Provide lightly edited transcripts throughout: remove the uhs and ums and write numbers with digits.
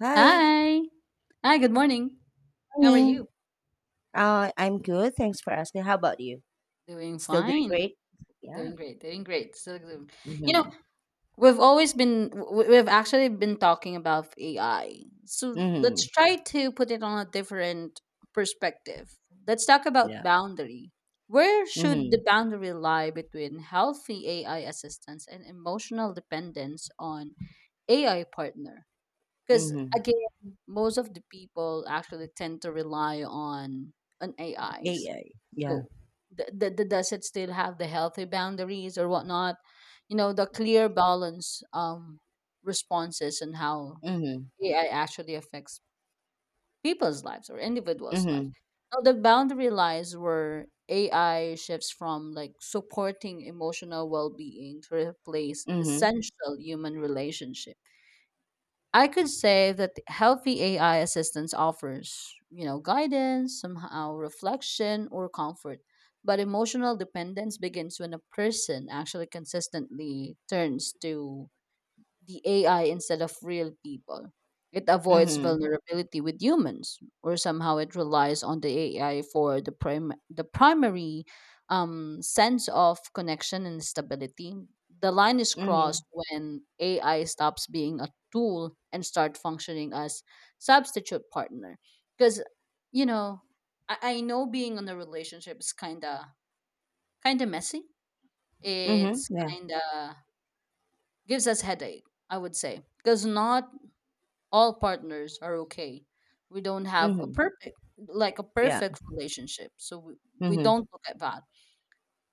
Hi, Hi. Hi, good morning. How are morning. you? I'm good. Thanks for asking. How about you? Doing Still doing fine. great? Yeah. Doing great. Doing great. Still doing. You know, Mm-hmm. we've always been we've actually been talking about AI. So let's Mm-hmm. try to put it on a different perspective. Let's talk about Yeah. boundary. Where should Mm-hmm. the boundary lie between healthy AI assistance and emotional dependence on AI partner? Because Mm-hmm. again, most of the people actually tend to rely on Yeah. AIs. Yeah. Yeah. So does it still have the healthy boundaries or whatnot? You know, the clear balance responses and how Mm-hmm. AI actually affects people's lives or individuals' Mm-hmm. lives. Now, the boundary lies where AI shifts from like supporting emotional well being to replace Mm-hmm. essential human relationship. I could say that healthy AI assistance offers, guidance, somehow reflection or comfort. But emotional dependence begins when a person actually consistently turns to the AI instead of real people. It avoids Mm-hmm. vulnerability with humans, or somehow it relies on the AI for the primary sense of connection and stability. The line is crossed when AI stops being a tool and start functioning as substitute partner. Because you know, I know being in a relationship is kind of messy. Mm-hmm. Mm-hmm. It's Yeah. kind of gives us headache, I would say, because not all partners are okay. We don't have a Mm-hmm. perfect like a Yeah. perfect relationship. So we Mm-hmm. don't look at that.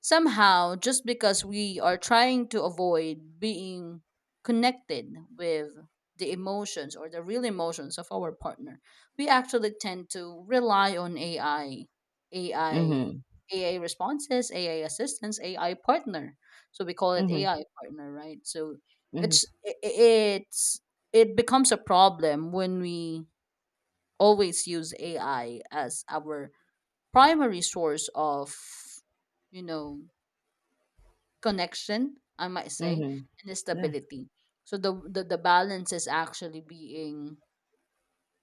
Somehow, just because we are trying to avoid being connected with the emotions or the real emotions of our partner, we actually tend to rely on AI, Mm-hmm. AI responses, AI assistance, AI partner. So we call it Mm-hmm. AI partner, right? So it's I- it's it becomes a problem when we always use AI as our primary source of you know connection, I might Mm-hmm. say, Mm-hmm. and Yeah. stability. So the balance is actually being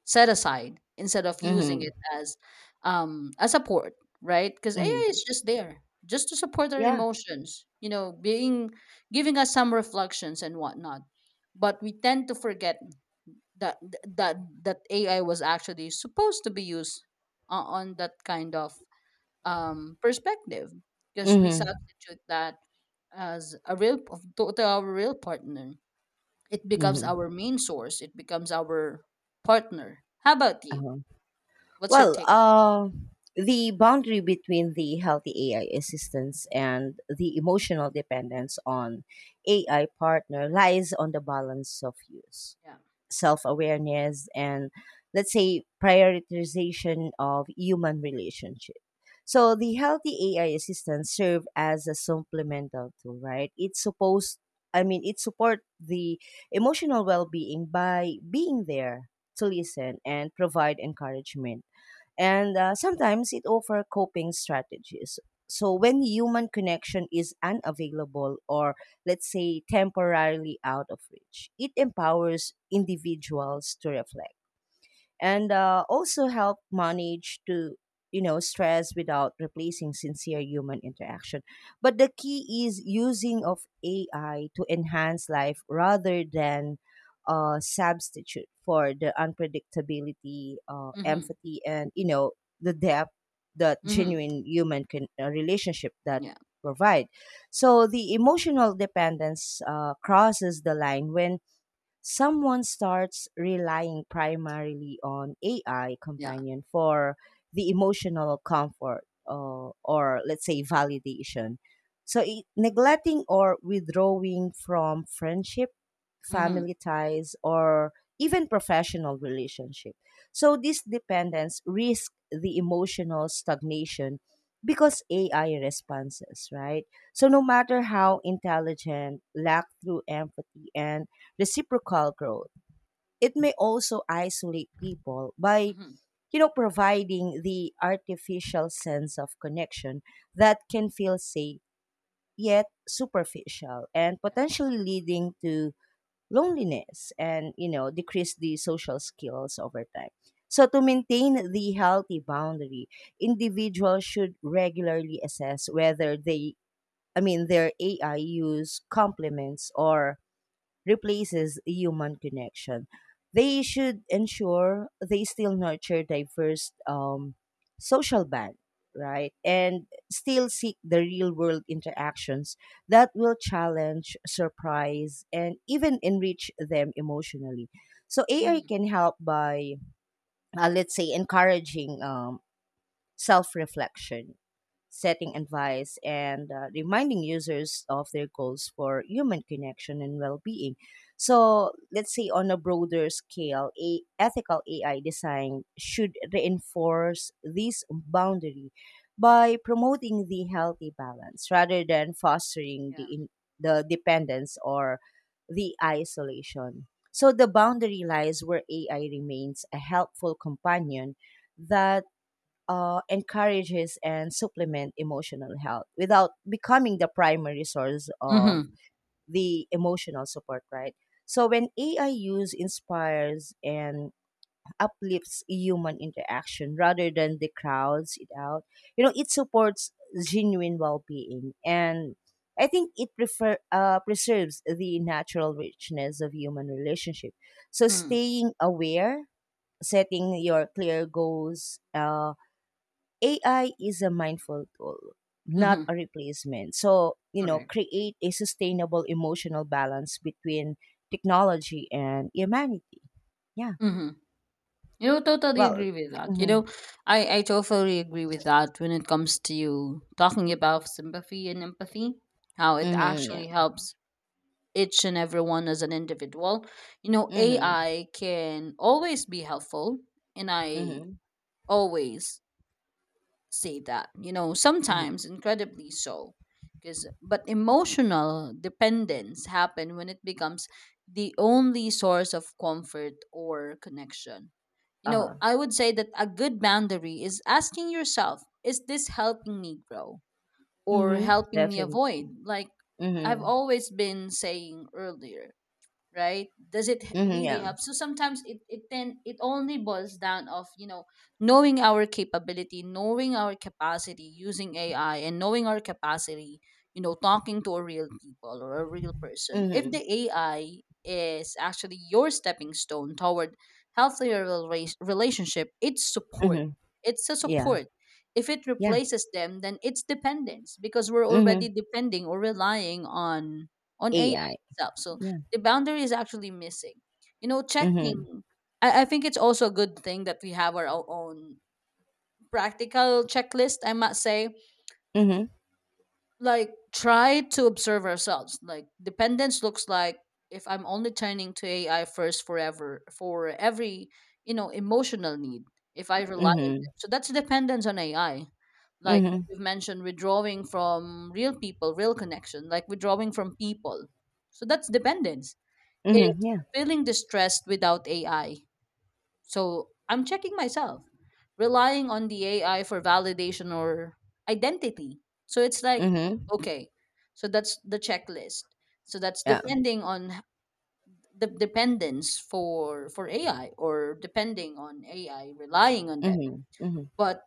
set aside instead of using Mm-hmm. it as a support, right? Because AI Mm-hmm. is just there just to support our Yeah. emotions, being giving us some reflections and whatnot. But we tend to forget that that that AI was actually supposed to be used on that kind of perspective because we Mm-hmm. substitute that as a real to our real partner. It becomes Mm-hmm. our main source. It becomes our partner. How about you? Uh-huh. What's your Well, take? The boundary between the healthy AI assistance and the emotional dependence on AI partner lies on the balance of use, Yeah. self awareness, and let's say prioritization of human relationship. So the healthy AI assistance serve as a supplemental tool, right? It's supposed, I mean, it support the emotional well being by being there to listen and provide encouragement and sometimes it offers coping strategies. So when human connection is unavailable or let's say temporarily out of reach, it empowers individuals to reflect and also help manage to stress without replacing sincere human interaction, but the key is using of AI to enhance life rather than substitute for the unpredictability, Mhm. empathy, and the depth that Mhm. genuine human can, relationship that Yeah. provide. So the emotional dependence crosses the line when someone starts relying primarily on AI Yeah. companion for the emotional comfort, or let's say validation. So it, neglecting or withdrawing from friendship, Mhm. family ties, or even professional relationship. So this dependence risks the emotional stagnation because AI responses, right? So Yeah. no matter how intelligent, lack through empathy and reciprocal growth. It may also isolate people by Mhm. Providing the artificial sense of connection that can feel safe yet superficial and Yeah. potentially leading to loneliness and decrease the social skills over time. So to maintain the healthy boundary, individuals should regularly assess whether they, I mean their AI use complements or replaces human connection. They should ensure they still nurture diverse social band, right? Mhm. And still seek the real world interactions that will challenge, surprise, and even enrich them emotionally. So AI Mhm. can help by, let's say, encouraging self reflection, setting advice, and reminding users of their goals for human connection and well being. So, let's say on a broader scale, a ethical AI design should reinforce this boundary by promoting the healthy balance rather than fostering Yeah. The dependence or the isolation. So the boundary lies where AI remains a helpful companion that encourages and supplement emotional health without becoming the primary source of Mhm. the emotional support, right? So when AI use inspires and uplifts human interaction rather than the crowds it out, it supports genuine well-being, and I think it preserves the natural richness of human relationship. So Mhm. staying aware, setting your clear goals, AI is a mindful tool, not Mhm. a replacement. So, Correct. create a sustainable emotional balance between technology and humanity. Yeah. Mhm. You know, totally Well, agree with that. You mm-hmm, know, I totally agree with that when it comes to you talking about sympathy and empathy, how it mm-hmm, yeah. actually helps each and everyone as an individual. You know, Mm-hmm, AI can always be helpful, and I mm-hmm, always say that, mm-hmm. sometimes incredibly so. But emotional dependence happen when it becomes the only source of comfort or connection you Uh-huh. know, I would say that a good boundary is asking yourself, is this helping me grow or Mm-hmm. helping me Definitely. avoid? Like I've Mm-hmm. always been saying earlier, right? Does it Mm-hmm. really Yeah. help? So sometimes it then it only boils down of, knowing our capability, knowing our capacity using AI, and knowing our capacity, talking to a real people or a real person. If Mm-hmm. the AI is actually your stepping stone toward healthier relationship, Mm-hmm. it's a Yeah. support. If it Yeah. replaces them, then it's dependence, because we're already Mm-hmm. depending or relying on AI AI. itself. So Yeah. the boundary is actually missing. You know, checking. Mm-hmm. I think it's also a good thing that we have our own practical checklist, I must say. Mm-hmm. Like, try to observe ourselves. Like, dependence looks like if I'm only turning to AI first forever for every, emotional need, if I rely on Mm-hmm. them. So that's dependence on AI. Like Mm-hmm. you've mentioned, withdrawing from real people, real connection, like withdrawing from people. So that's dependence is Mm-hmm. Yeah. feeling distressed without AI. So I'm checking myself, relying on the AI for validation or identity. So it's like, Mm-hmm. okay, so that's the checklist. So that's Yeah. depending on the dependence for AI or depending on AI, relying on them. Mm-hmm. Mm-hmm. But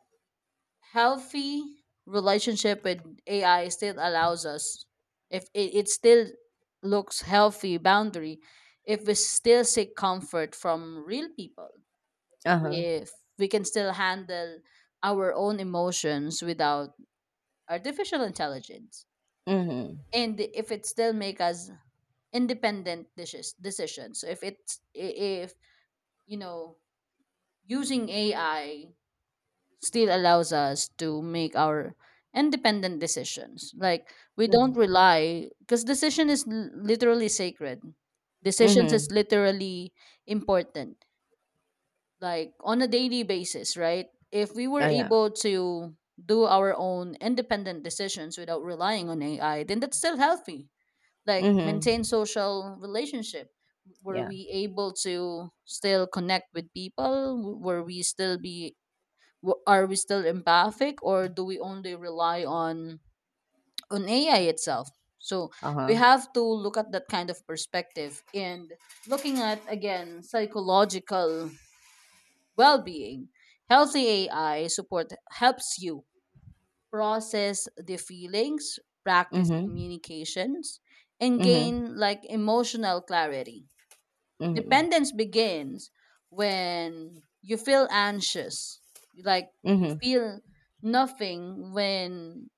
healthy relationship with AI still allows us if it still looks healthy boundary, if we still seek comfort from real people, Uh-huh. if we can still handle our own emotions without artificial intelligence, Mm-hmm. and if it still make us independent decisions. So if it's I- if you know using AI still allows us to make our independent decisions. Like we don't Mm-hmm. rely because decision is literally sacred. Decisions Mm-hmm. is literally important. Like on a daily basis, right? If we were Oh, yeah. able to do our own independent decisions without relying on AI, then that's still healthy. Like maintain Mhm. social relationship. Were Yeah. we able to still connect with people? Were we still be W- Are we still empathic or do we only rely on AI itself? So we Uh-huh. have to look at that kind of perspective and looking at again psychological well-being. Healthy AI support helps you process the feelings, practice Mhm. communications, and Mhm. gain like emotional clarity. Mhm. Dependence begins when you feel anxious, like you Mhm. feel nothing when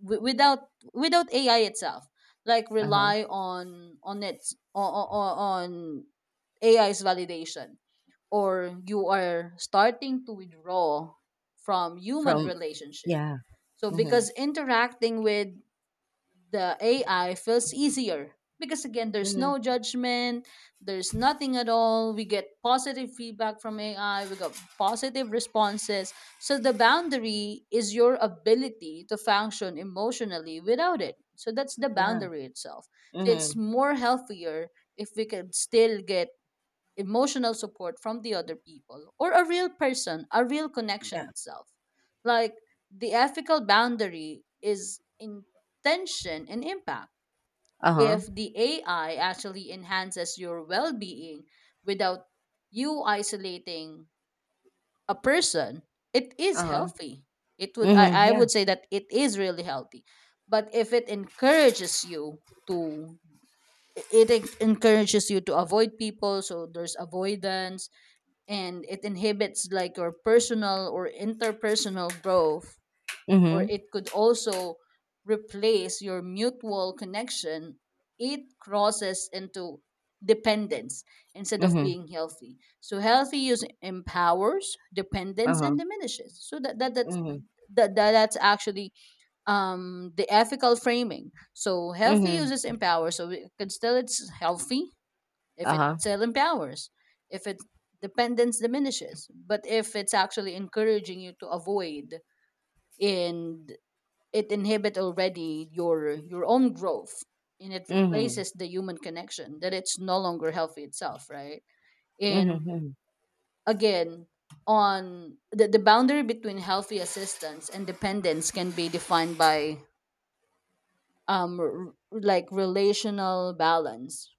without AI itself. Like Uh-huh. rely on its o- o- o- on AI's validation, or you are starting to withdraw from human From, relationships. yeah. So Mhm. because interacting with the AI feels easier because again, there's Mhm. no judgment, there's nothing at all. We get positive feedback from AI, we got positive responses. So the boundary is your ability to function emotionally without it. So that's the Yeah. boundary itself. So it's Mhm. more healthier if we can still get emotional support from the other people or a real person, a real connection Yeah. itself. Like the ethical boundary is intention and impact. Uh-huh. If the AI actually enhances your well being without you isolating a person, it is Uh-huh. healthy. It would Mhm. I, I Yeah. would say that it is really healthy. But if it encourages you to to avoid people, so there's avoidance, and it inhibits like your personal or interpersonal growth, or Mhm. it could also replace your mutual connection. It crosses into dependence instead of Mhm. being healthy. So healthy use empowers, dependence and Uh-huh. diminishes. So that, that that's Mhm. that, that that's actually the ethical framing. So healthy Mhm. uses empower, so it can still, it's healthy if it Uh-huh. still empowers, if it dependence diminishes. But if it's actually encouraging you to avoid, and it inhibit already your own growth, and it Mhm. replaces the human connection, that it's no longer healthy itself, right? Mhm. And Mhm. again, on the boundary between healthy assistance and dependence can be defined by like relational balance.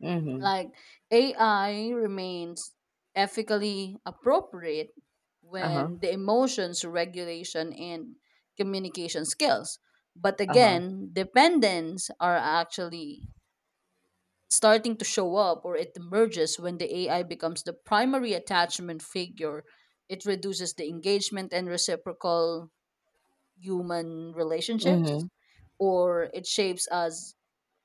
Mhm. Like AI remains ethically appropriate Uh-huh. when the emotions regulation and communication skills. But Uh-huh. again, dependents are actually starting to show up, or it emerges when the AI becomes the primary attachment figure. It reduces the engagement and reciprocal human relationships, Mhm. or it shapes us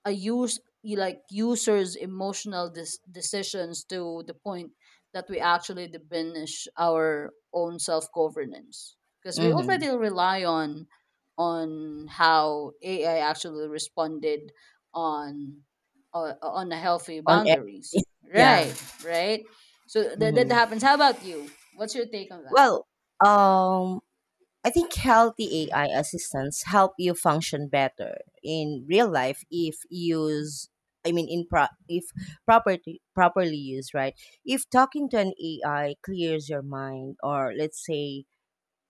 a use you like users emotional decisions, to the point that we actually diminish our own self governance, because we Mhm. already rely on how AI actually responded on on the healthy On boundaries, everything. Yeah. right right? So that Mhm. happens. How about you? What's your take on that? Well, um I think healthy AI assistants help you function better in real life if use, I mean in if property properly used, right? If talking to an AI clears your mind or let's say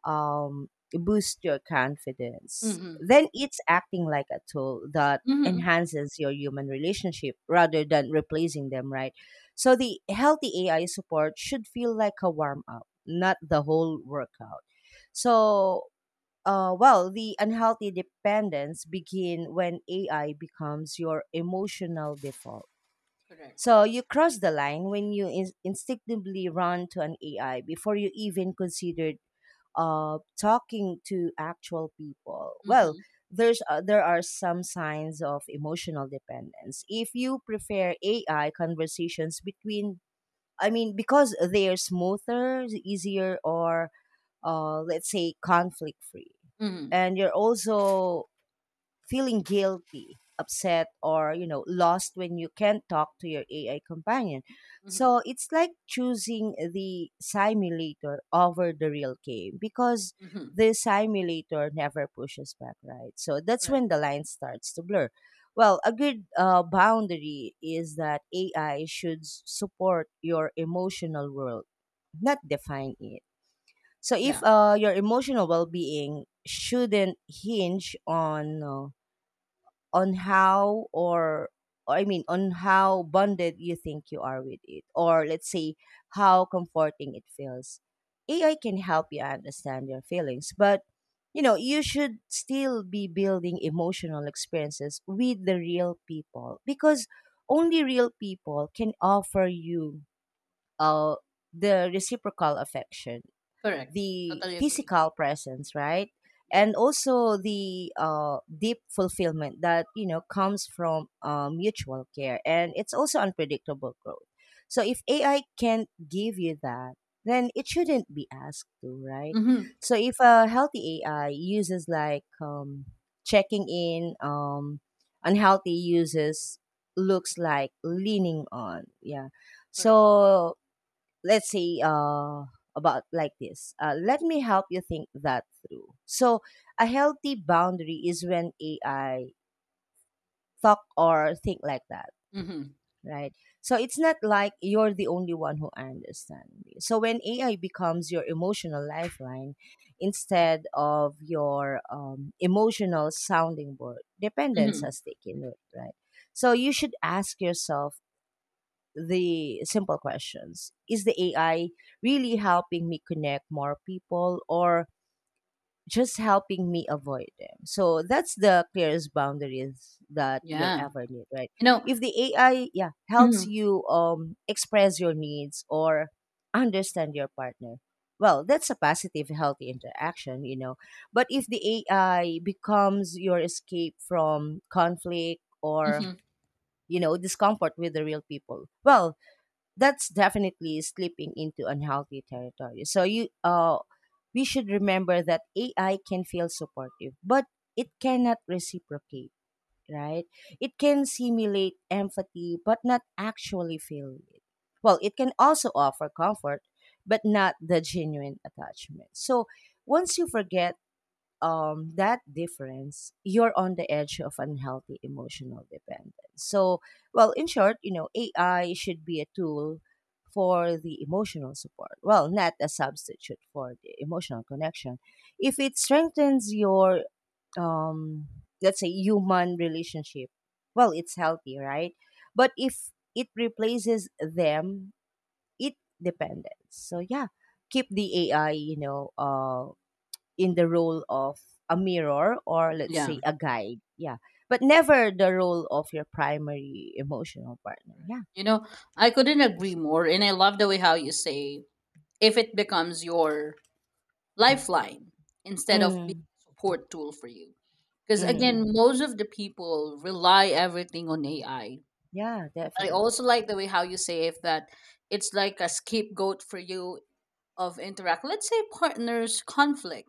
boosts your confidence, Mm-hmm. then it's acting like a tool that Mm-hmm. enhances your human relationship rather than replacing them, right? So the healthy AI support should feel like a warm up, not the whole workout. So well, the unhealthy dependence begin when AI becomes your emotional default. Correct. So you cross the line when you instinctively run to an AI before you even considered talking to actual people. Well, Mm-hmm. There are some signs of emotional dependence. If you prefer AI conversations between, I mean, because they are smoother, easier, or let's say conflict free, Mm-hmm. and you're also feeling guilty, upset, or lost when you can't talk to your AI companion. Mm-hmm, So it's like choosing the simulator over the real game, because mm-hmm. the simulator never pushes back, right? So that's Correct. when the line starts to blur. Well, a good boundary is that AI should support your emotional world, not define it. So Yeah. if your emotional well-being shouldn't hinge on how or I mean on how bonded you think you are with it, or let's say how comforting it feels. AI can help you understand your feelings, but you should still be building emotional experiences with the real people, because only real people can offer you uh, the reciprocal affection, Correct. the Totally agree. physical presence, right? Yeah. And also the deep fulfillment that comes from mutual care, and it's also unpredictable growth. So if AI can't give you that, then it shouldn't be asked to, right? Mhm. So if a healthy AI uses like checking in, unhealthy uses looks like leaning on, yeah. Correct. So let's say about like this, let me help you think that through. So a healthy boundary is when AI talk or think like that, Mhm. right? So it's not like you're the only one who understands me, so when AI becomes your emotional lifeline instead of your emotional sounding board, dependence Mhm. has taken root, right? So you should ask yourself the simple questions: Is the AI really helping me connect more people, or just helping me avoid them? So that's the clearest boundaries that you'll Yeah. ever need, right? You know. If the AI, yeah, helps Mhm. you express your needs or understand your partner, well, that's a positive, healthy interaction. But if the AI becomes your escape from conflict or, Mhm. Discomfort with the real people, well, that's definitely slipping into unhealthy territory. So you we should remember that AI can feel supportive, but it cannot reciprocate, right? It can simulate empathy but not actually feel it. Well, it can also offer comfort but not the genuine attachment. So once you forget that difference, you're on the edge of unhealthy emotional dependence. So, well, in short, AI should be a tool for the emotional support. Well, not a substitute for the emotional connection. If it strengthens your, um, let's say, human relationship, well, it's healthy, right? But if it replaces them, it dependence. So, yeah, keep the AI, in the role of a mirror, or let's Yeah. say a guide. Yeah. But never the role of your primary emotional partner. Yeah. You know, I couldn't agree more, and I love the way how you say if it becomes your lifeline instead of being Mm, a support tool for you. Because mm, again, most of the people rely everything on AI. I yeah, I definitely. also like the way how you say if that it's like a scapegoat for you of interact. Let's say partners conflict,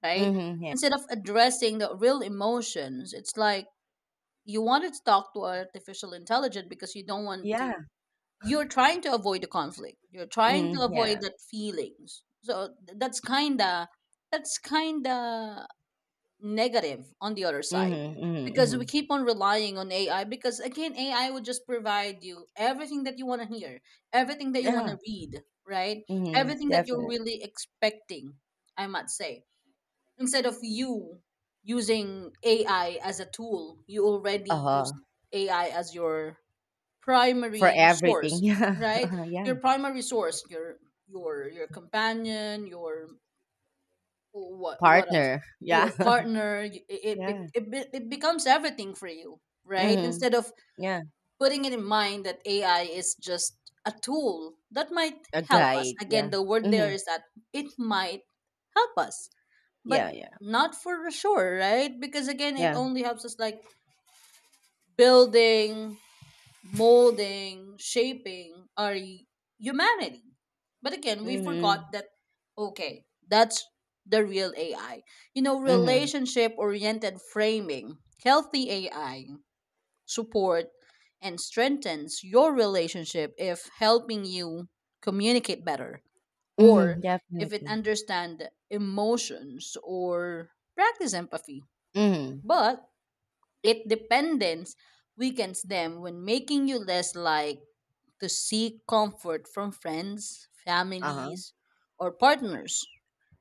right? Mm-hmm, yeah. Instead of addressing the real emotions, it's like, you wanted to talk to artificial intelligence because you don't want to. Yeah. You're trying to avoid the conflict. You're trying to Mm, avoid yeah. that feelings. So that's kinda negative on the other side, Mm-hmm, mm-hmm, because mm-hmm. we keep on relying on AI, because again, AI would just provide you everything that you want to hear, everything that you want Yeah. to read, right? Mm-hmm, Everything that you're definitely. really expecting, I must say, instead of you using AI as a tool, you already use Uh-huh. AI as your For primary everything. source, Yeah. right? Yeah. Your primary source, your your companion, your what else? Partner. Your Yeah. partner. y- It it, be- yeah. it, be- it becomes everything for you, right? Mm-hmm. Instead of Yeah. putting it in mind that AI is just a tool that might A help us. guide. Yeah. Again, the word there Mm-hmm. is that it might help us but Yeah, yeah. not for sure, right? Because again, it Yeah. only helps us like building, molding, shaping our humanity. But again, we forgot Mm-hmm. that, okay, that's the real AI. You know, Mm-hmm. relationship oriented framing, healthy AI support and strengthens your relationship if helping you communicate better or Mm-hmm. if it Definitely. understand emotions or practice empathy Mm-hmm. but it dependence weakens them when making you less like to seek comfort from friends, Uh-huh. families, or partners.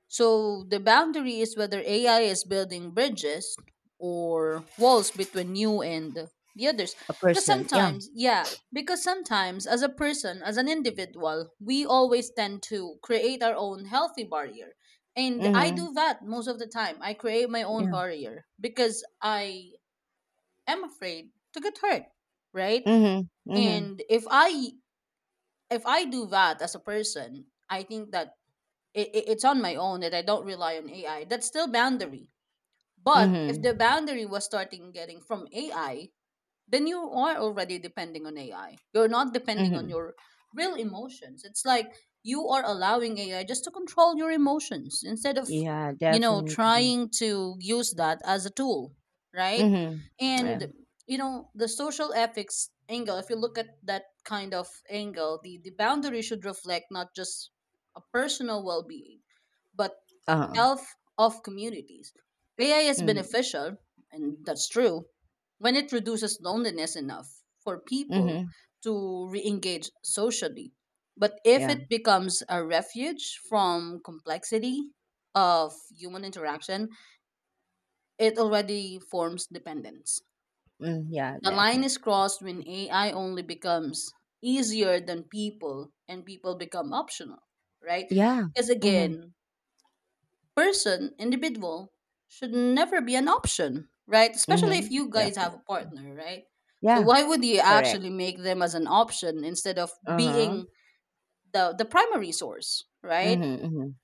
So the boundary is whether AI is building bridges or walls between you and the others. A Because person, yeah. sometimes, yeah, because sometimes as a person, as an individual, we always tend to create our own healthy barrier, and I Mhm, do that most of the time. I create my own yeah. barrier because I am afraid to get hurt, right? Mhm, mhm, And if I do that as a person, I think that it's on my own that I don't rely on AI. That's still boundary. But if the mhm, boundary was starting getting from AI, then you are already depending on AI. You're not depending on mhm. your real emotions. It's like you are allowing AI just to control your emotions instead of, Yeah, definitely. trying to use that as a tool, right? Mhm, yeah. And, the social ethics angle, if you look at that kind of angle, the boundary should reflect not just a personal well being, but Uh-huh. health of communities. AI is Mm, beneficial, and that's true, when it reduces loneliness enough for people mhm, to re engage socially. But if yeah. it becomes a refuge from complexity of human interaction, it already forms dependence. Mm, yeah, The line definitely. is crossed when AI only becomes easier than people and people become optional, right? Yeah. Because Mhm, again, person, individual, should never be an option, right? Especially if mhm, you guys have definitely. a partner, right? So Yeah, why would you correct. actually make them as an option instead of Uh-huh. being the primary source, right? Mhm, mhm,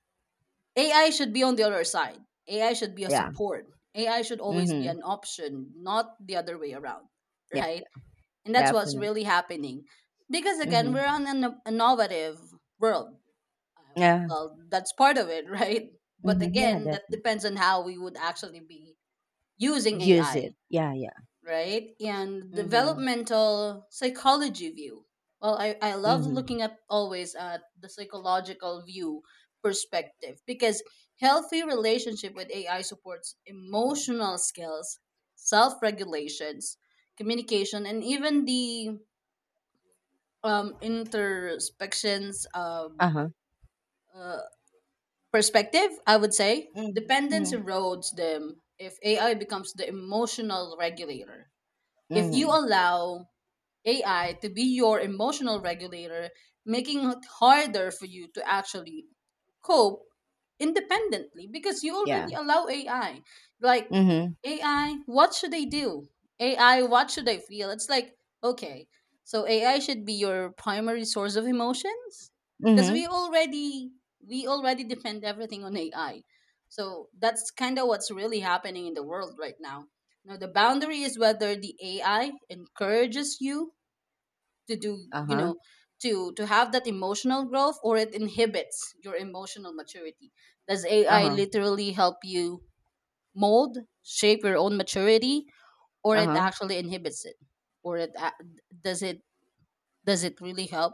AI should be on the other side. AI should be a yeah. support. AI should always be Mhm, an option, not the other way around, yeah, right? And that's what's definitely. really happening. Because again, Mhm, we're on an innovative world, uh, yeah. well, that's part of it, right? But Mhm, yeah, again, that definitely. depends on how we would actually be using Use AI, it. Yeah, yeah. right? And Mhm, developmental psychology view. Well, I love mhm, looking at always at the psychological view perspective because healthy relationship with AI supports emotional skills, self-regulations, communication, and even the introspections, uh-huh. uh, perspective, I would say, Mhm, dependence mhm, erodes them if AI becomes the emotional regulator. If you mhm, allow AI to be your emotional regulator, making it harder for you to actually cope independently because you yeah. already allow AI. Like, Mhm, AI, what should I do? AI, what should I feel? It's like, okay, so AI should be your primary source of emotions because mhm, we already depend everything on AI. So that's kind of what's really happening in the world right now. Now the boundary is whether the AI encourages you to do you uh-huh, know to have that emotional growth or it inhibits your emotional maturity. Does AI uh-huh, literally help you mold, shape your own maturity, or it uh-huh. actually inhibits it? or it a- does it, does it really help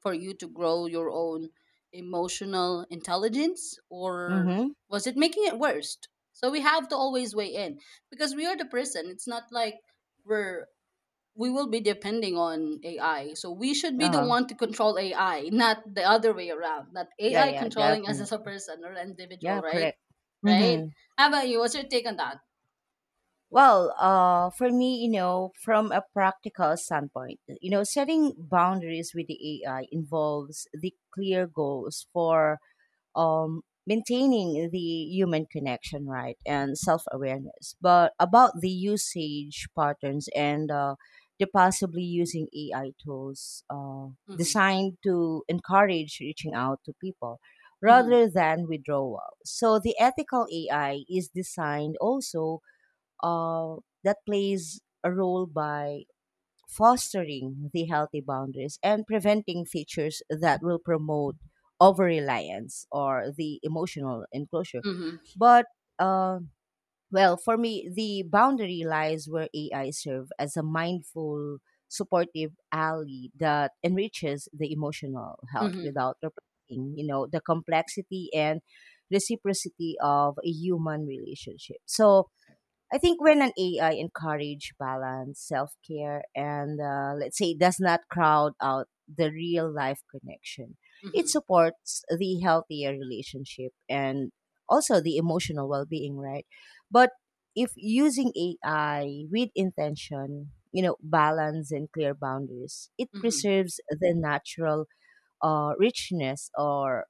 for you to grow your own emotional intelligence, or Mhm, was it making it worse? So we have to always weigh in because we are the person. It's not like we're we will be depending on AI. So we should be the uh-huh. one to control AI, not the other way around. Not Yeah, AI yeah, controlling us definitely. as a person or an individual, Yeah, right? correct. Right? Mhm. How about you? What's your take on that? Well, for me, from a practical standpoint, setting boundaries with the AI involves the clear goals for um, maintaining the human connection, right, and self awareness. But about the usage patterns and the possibly using AI tools, Mm-hmm. designed to encourage reaching out to people Mm-hmm. rather than withdrawal. So the ethical AI is designed also uh, that plays a role by fostering the healthy boundaries and preventing features that will promote over reliance or the emotional enclosure. Mm-hmm. But, uh, well, for me, the boundary lies where AI serve as a mindful, supportive ally that enriches the emotional health Mm-hmm. without replacing, the complexity and reciprocity of a human relationship. So, I think when an AI encourage balance, self care, and let's say does not crowd out the real life connection, it Mm-hmm. supports the healthier relationship and also the emotional well being, right? But if using AI with intention, balance and clear boundaries, it Mm-hmm. preserves the natural richness, or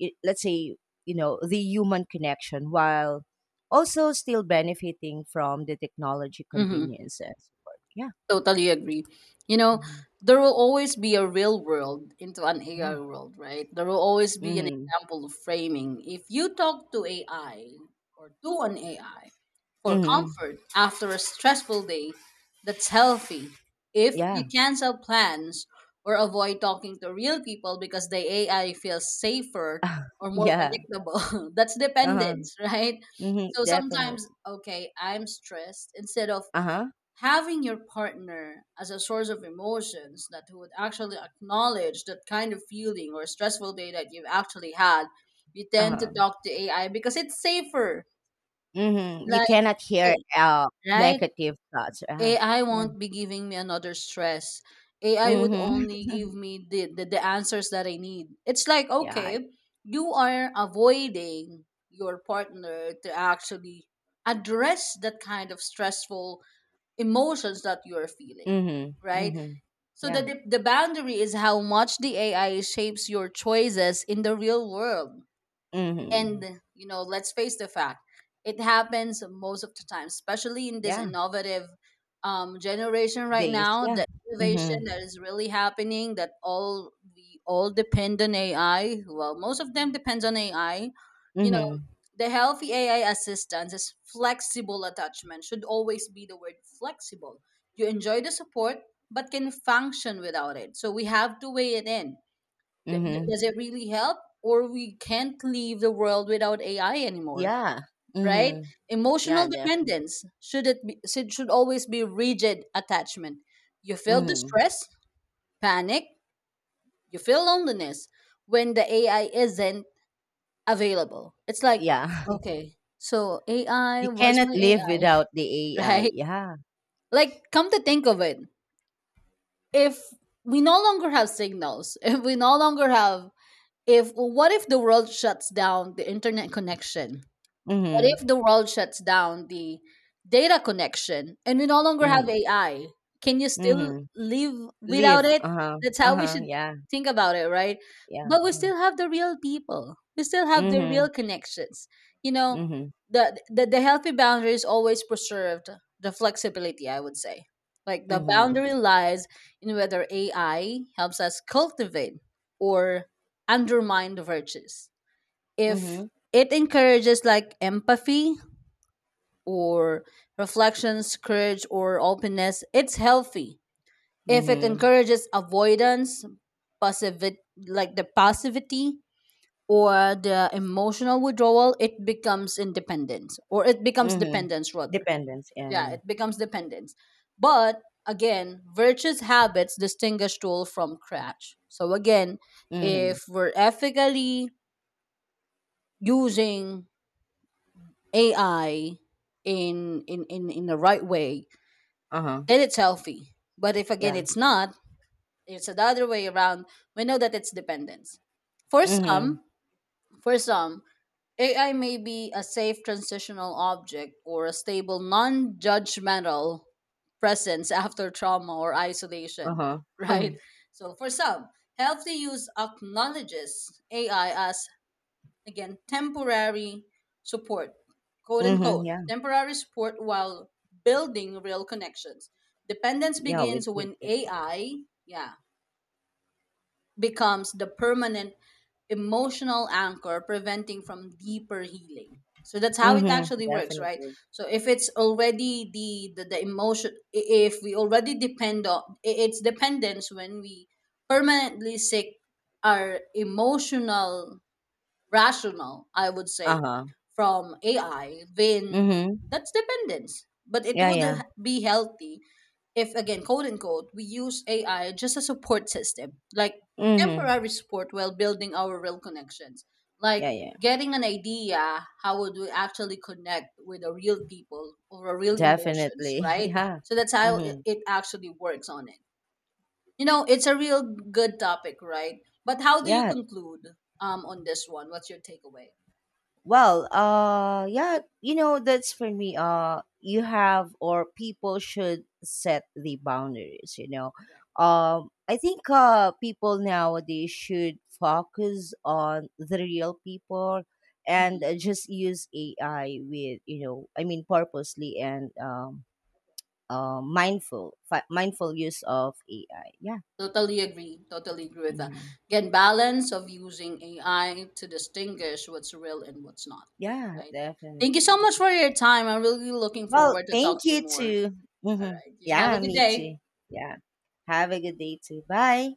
let's say the human connection while also still benefiting from the technology Mm-hmm. convenience and support. Yeah. Totally agree. You know, Mhm. there will always be a real world into an AI Yeah. world, right? There will always be an Hmm. example of framing. If you talk to AI or to an AI, for Hmm. comfort after a stressful day, that's healthy. If Yeah. you cancel plans or avoid talking to real people because the AI feels safer or more Yeah. predictable, that's Uh-huh. dependence, right? Hmm, So definitely. sometimes, okay, I'm stressed. Instead of Uh-huh. having your partner as a source of emotions that would actually acknowledge that kind of feeling or stressful day that you've actually had, you tend to Uh-huh. talk to AI because it's safer. Hmm, you Like, cannot hear hey, right? negative thoughts, AI yeah. won't be giving me another stress. AI would Hmm. only give me the answers that I need. It's like, Yeah. okay, you are avoiding your partner to actually address that kind of stressful emotions that you're feeling, Hmm. right? Hmm. So Yeah. that the boundary is how much the AI shapes your choices in the real world, Hmm. and, you know, let's face the fact, it happens most of the time, especially in this Yeah. innovative generation right This. now, Yeah. the Hmm. innovation that is really happening, that all we all depend on AI, well, most of them depends on AI. You know, Hmm. the healthy AI assistance is flexible attachment. Should always be the word flexible. You enjoy the support but can function without it. So we have to weigh it in. Mhm. Does it really help, or we can't leave the world without AI anymore, Yeah. right? Mhm. Yeah, Emotional definitely. dependence should it be, should always be rigid attachment. You Def, feel mhm. distress, panic, you feel loneliness when the AI isn't available. It's like, Yeah. okay, so AI, You where's cannot my live AI? without the AI. Right? Yeah. Like, come to think of it, if we no longer have signals, if we no longer have, if, well, what if the world shuts down the internet connection, what if Mhm. the world shuts down the data connection and we no longer have Mhm. AI? Can you still Mhm. live without Live. it? Uh-huh. That's how we Uh-huh. should Yeah. think about it, right? Yeah. But we Yeah. still have the real people. We still have the Mhm. real connections. You know, Mhm. the the healthy boundaries always preserved the flexibility, I would say. Like the Mhm. boundary lies in whether AI helps us cultivate or undermine the virtues. If Mhm. it encourages like empathy or reflections, courage or openness, it's healthy. If it Mhm. encourages avoidance, passivity, like the passivity or the emotional withdrawal, it becomes independence, or it becomes Mhm. dependence rather. Dependence. Yeah, Yeah, yeah. it becomes dependence. But again, virtuous habits distinguish tool from crash. So again, Mhm. if we're ethically using AI in the right way, Uh-huh. then it's healthy. But if again Yeah. it's not, it's the other way around. We know that it's dependence. For Mhm. some, for some, AI may be a safe transitional object or a stable non-judgmental presence after trauma or isolation, Uh-huh. right? So for some, healthy use acknowledges AI as, again, temporary support, quote Mhm. unquote, Yeah. temporary support, while building real connections. Dependence Yeah, with, begins with when people. AI, yeah, becomes the permanent emotional anchor, preventing from deeper healing. So that's how it Mhm. actually works, right? Definitely. So if it's already the the emotion, if we already depend on I- it's dependence when we permanently seek our emotional rational, I would say, Uh-huh. from AI, then Mhm. that's dependence. But it Yeah, would yeah. Be healthy if, again, quote unquote, we use AI just a support system, like Mhm. temporary support while building our real connections, Yeah, like yeah. getting an idea how would we actually connect with the real people or a real emotions, Definitely. right? Yeah. So that's how it Hmm. it actually works on it. You know, it's a real good topic, right? But how do you Yeah. conclude, on this one? What's your takeaway? Well, yeah, that's for me. You have or people should set the boundaries. Correct. I think people nowadays should focus on the real people and Mhm. Just use AI with, I mean purposely, and mindful mindful use of AI. Yeah. Totally agree. Totally agree with that. Hmm. Again, balance of using AI to distinguish what's real and what's not. Yeah, Right. Thank you so definitely. much for your time. I'm really looking Well, forward to talk thank to you you more. too. All Hmm. right. You have a Yeah, good me day. too. Yeah. Have a good day too. Bye.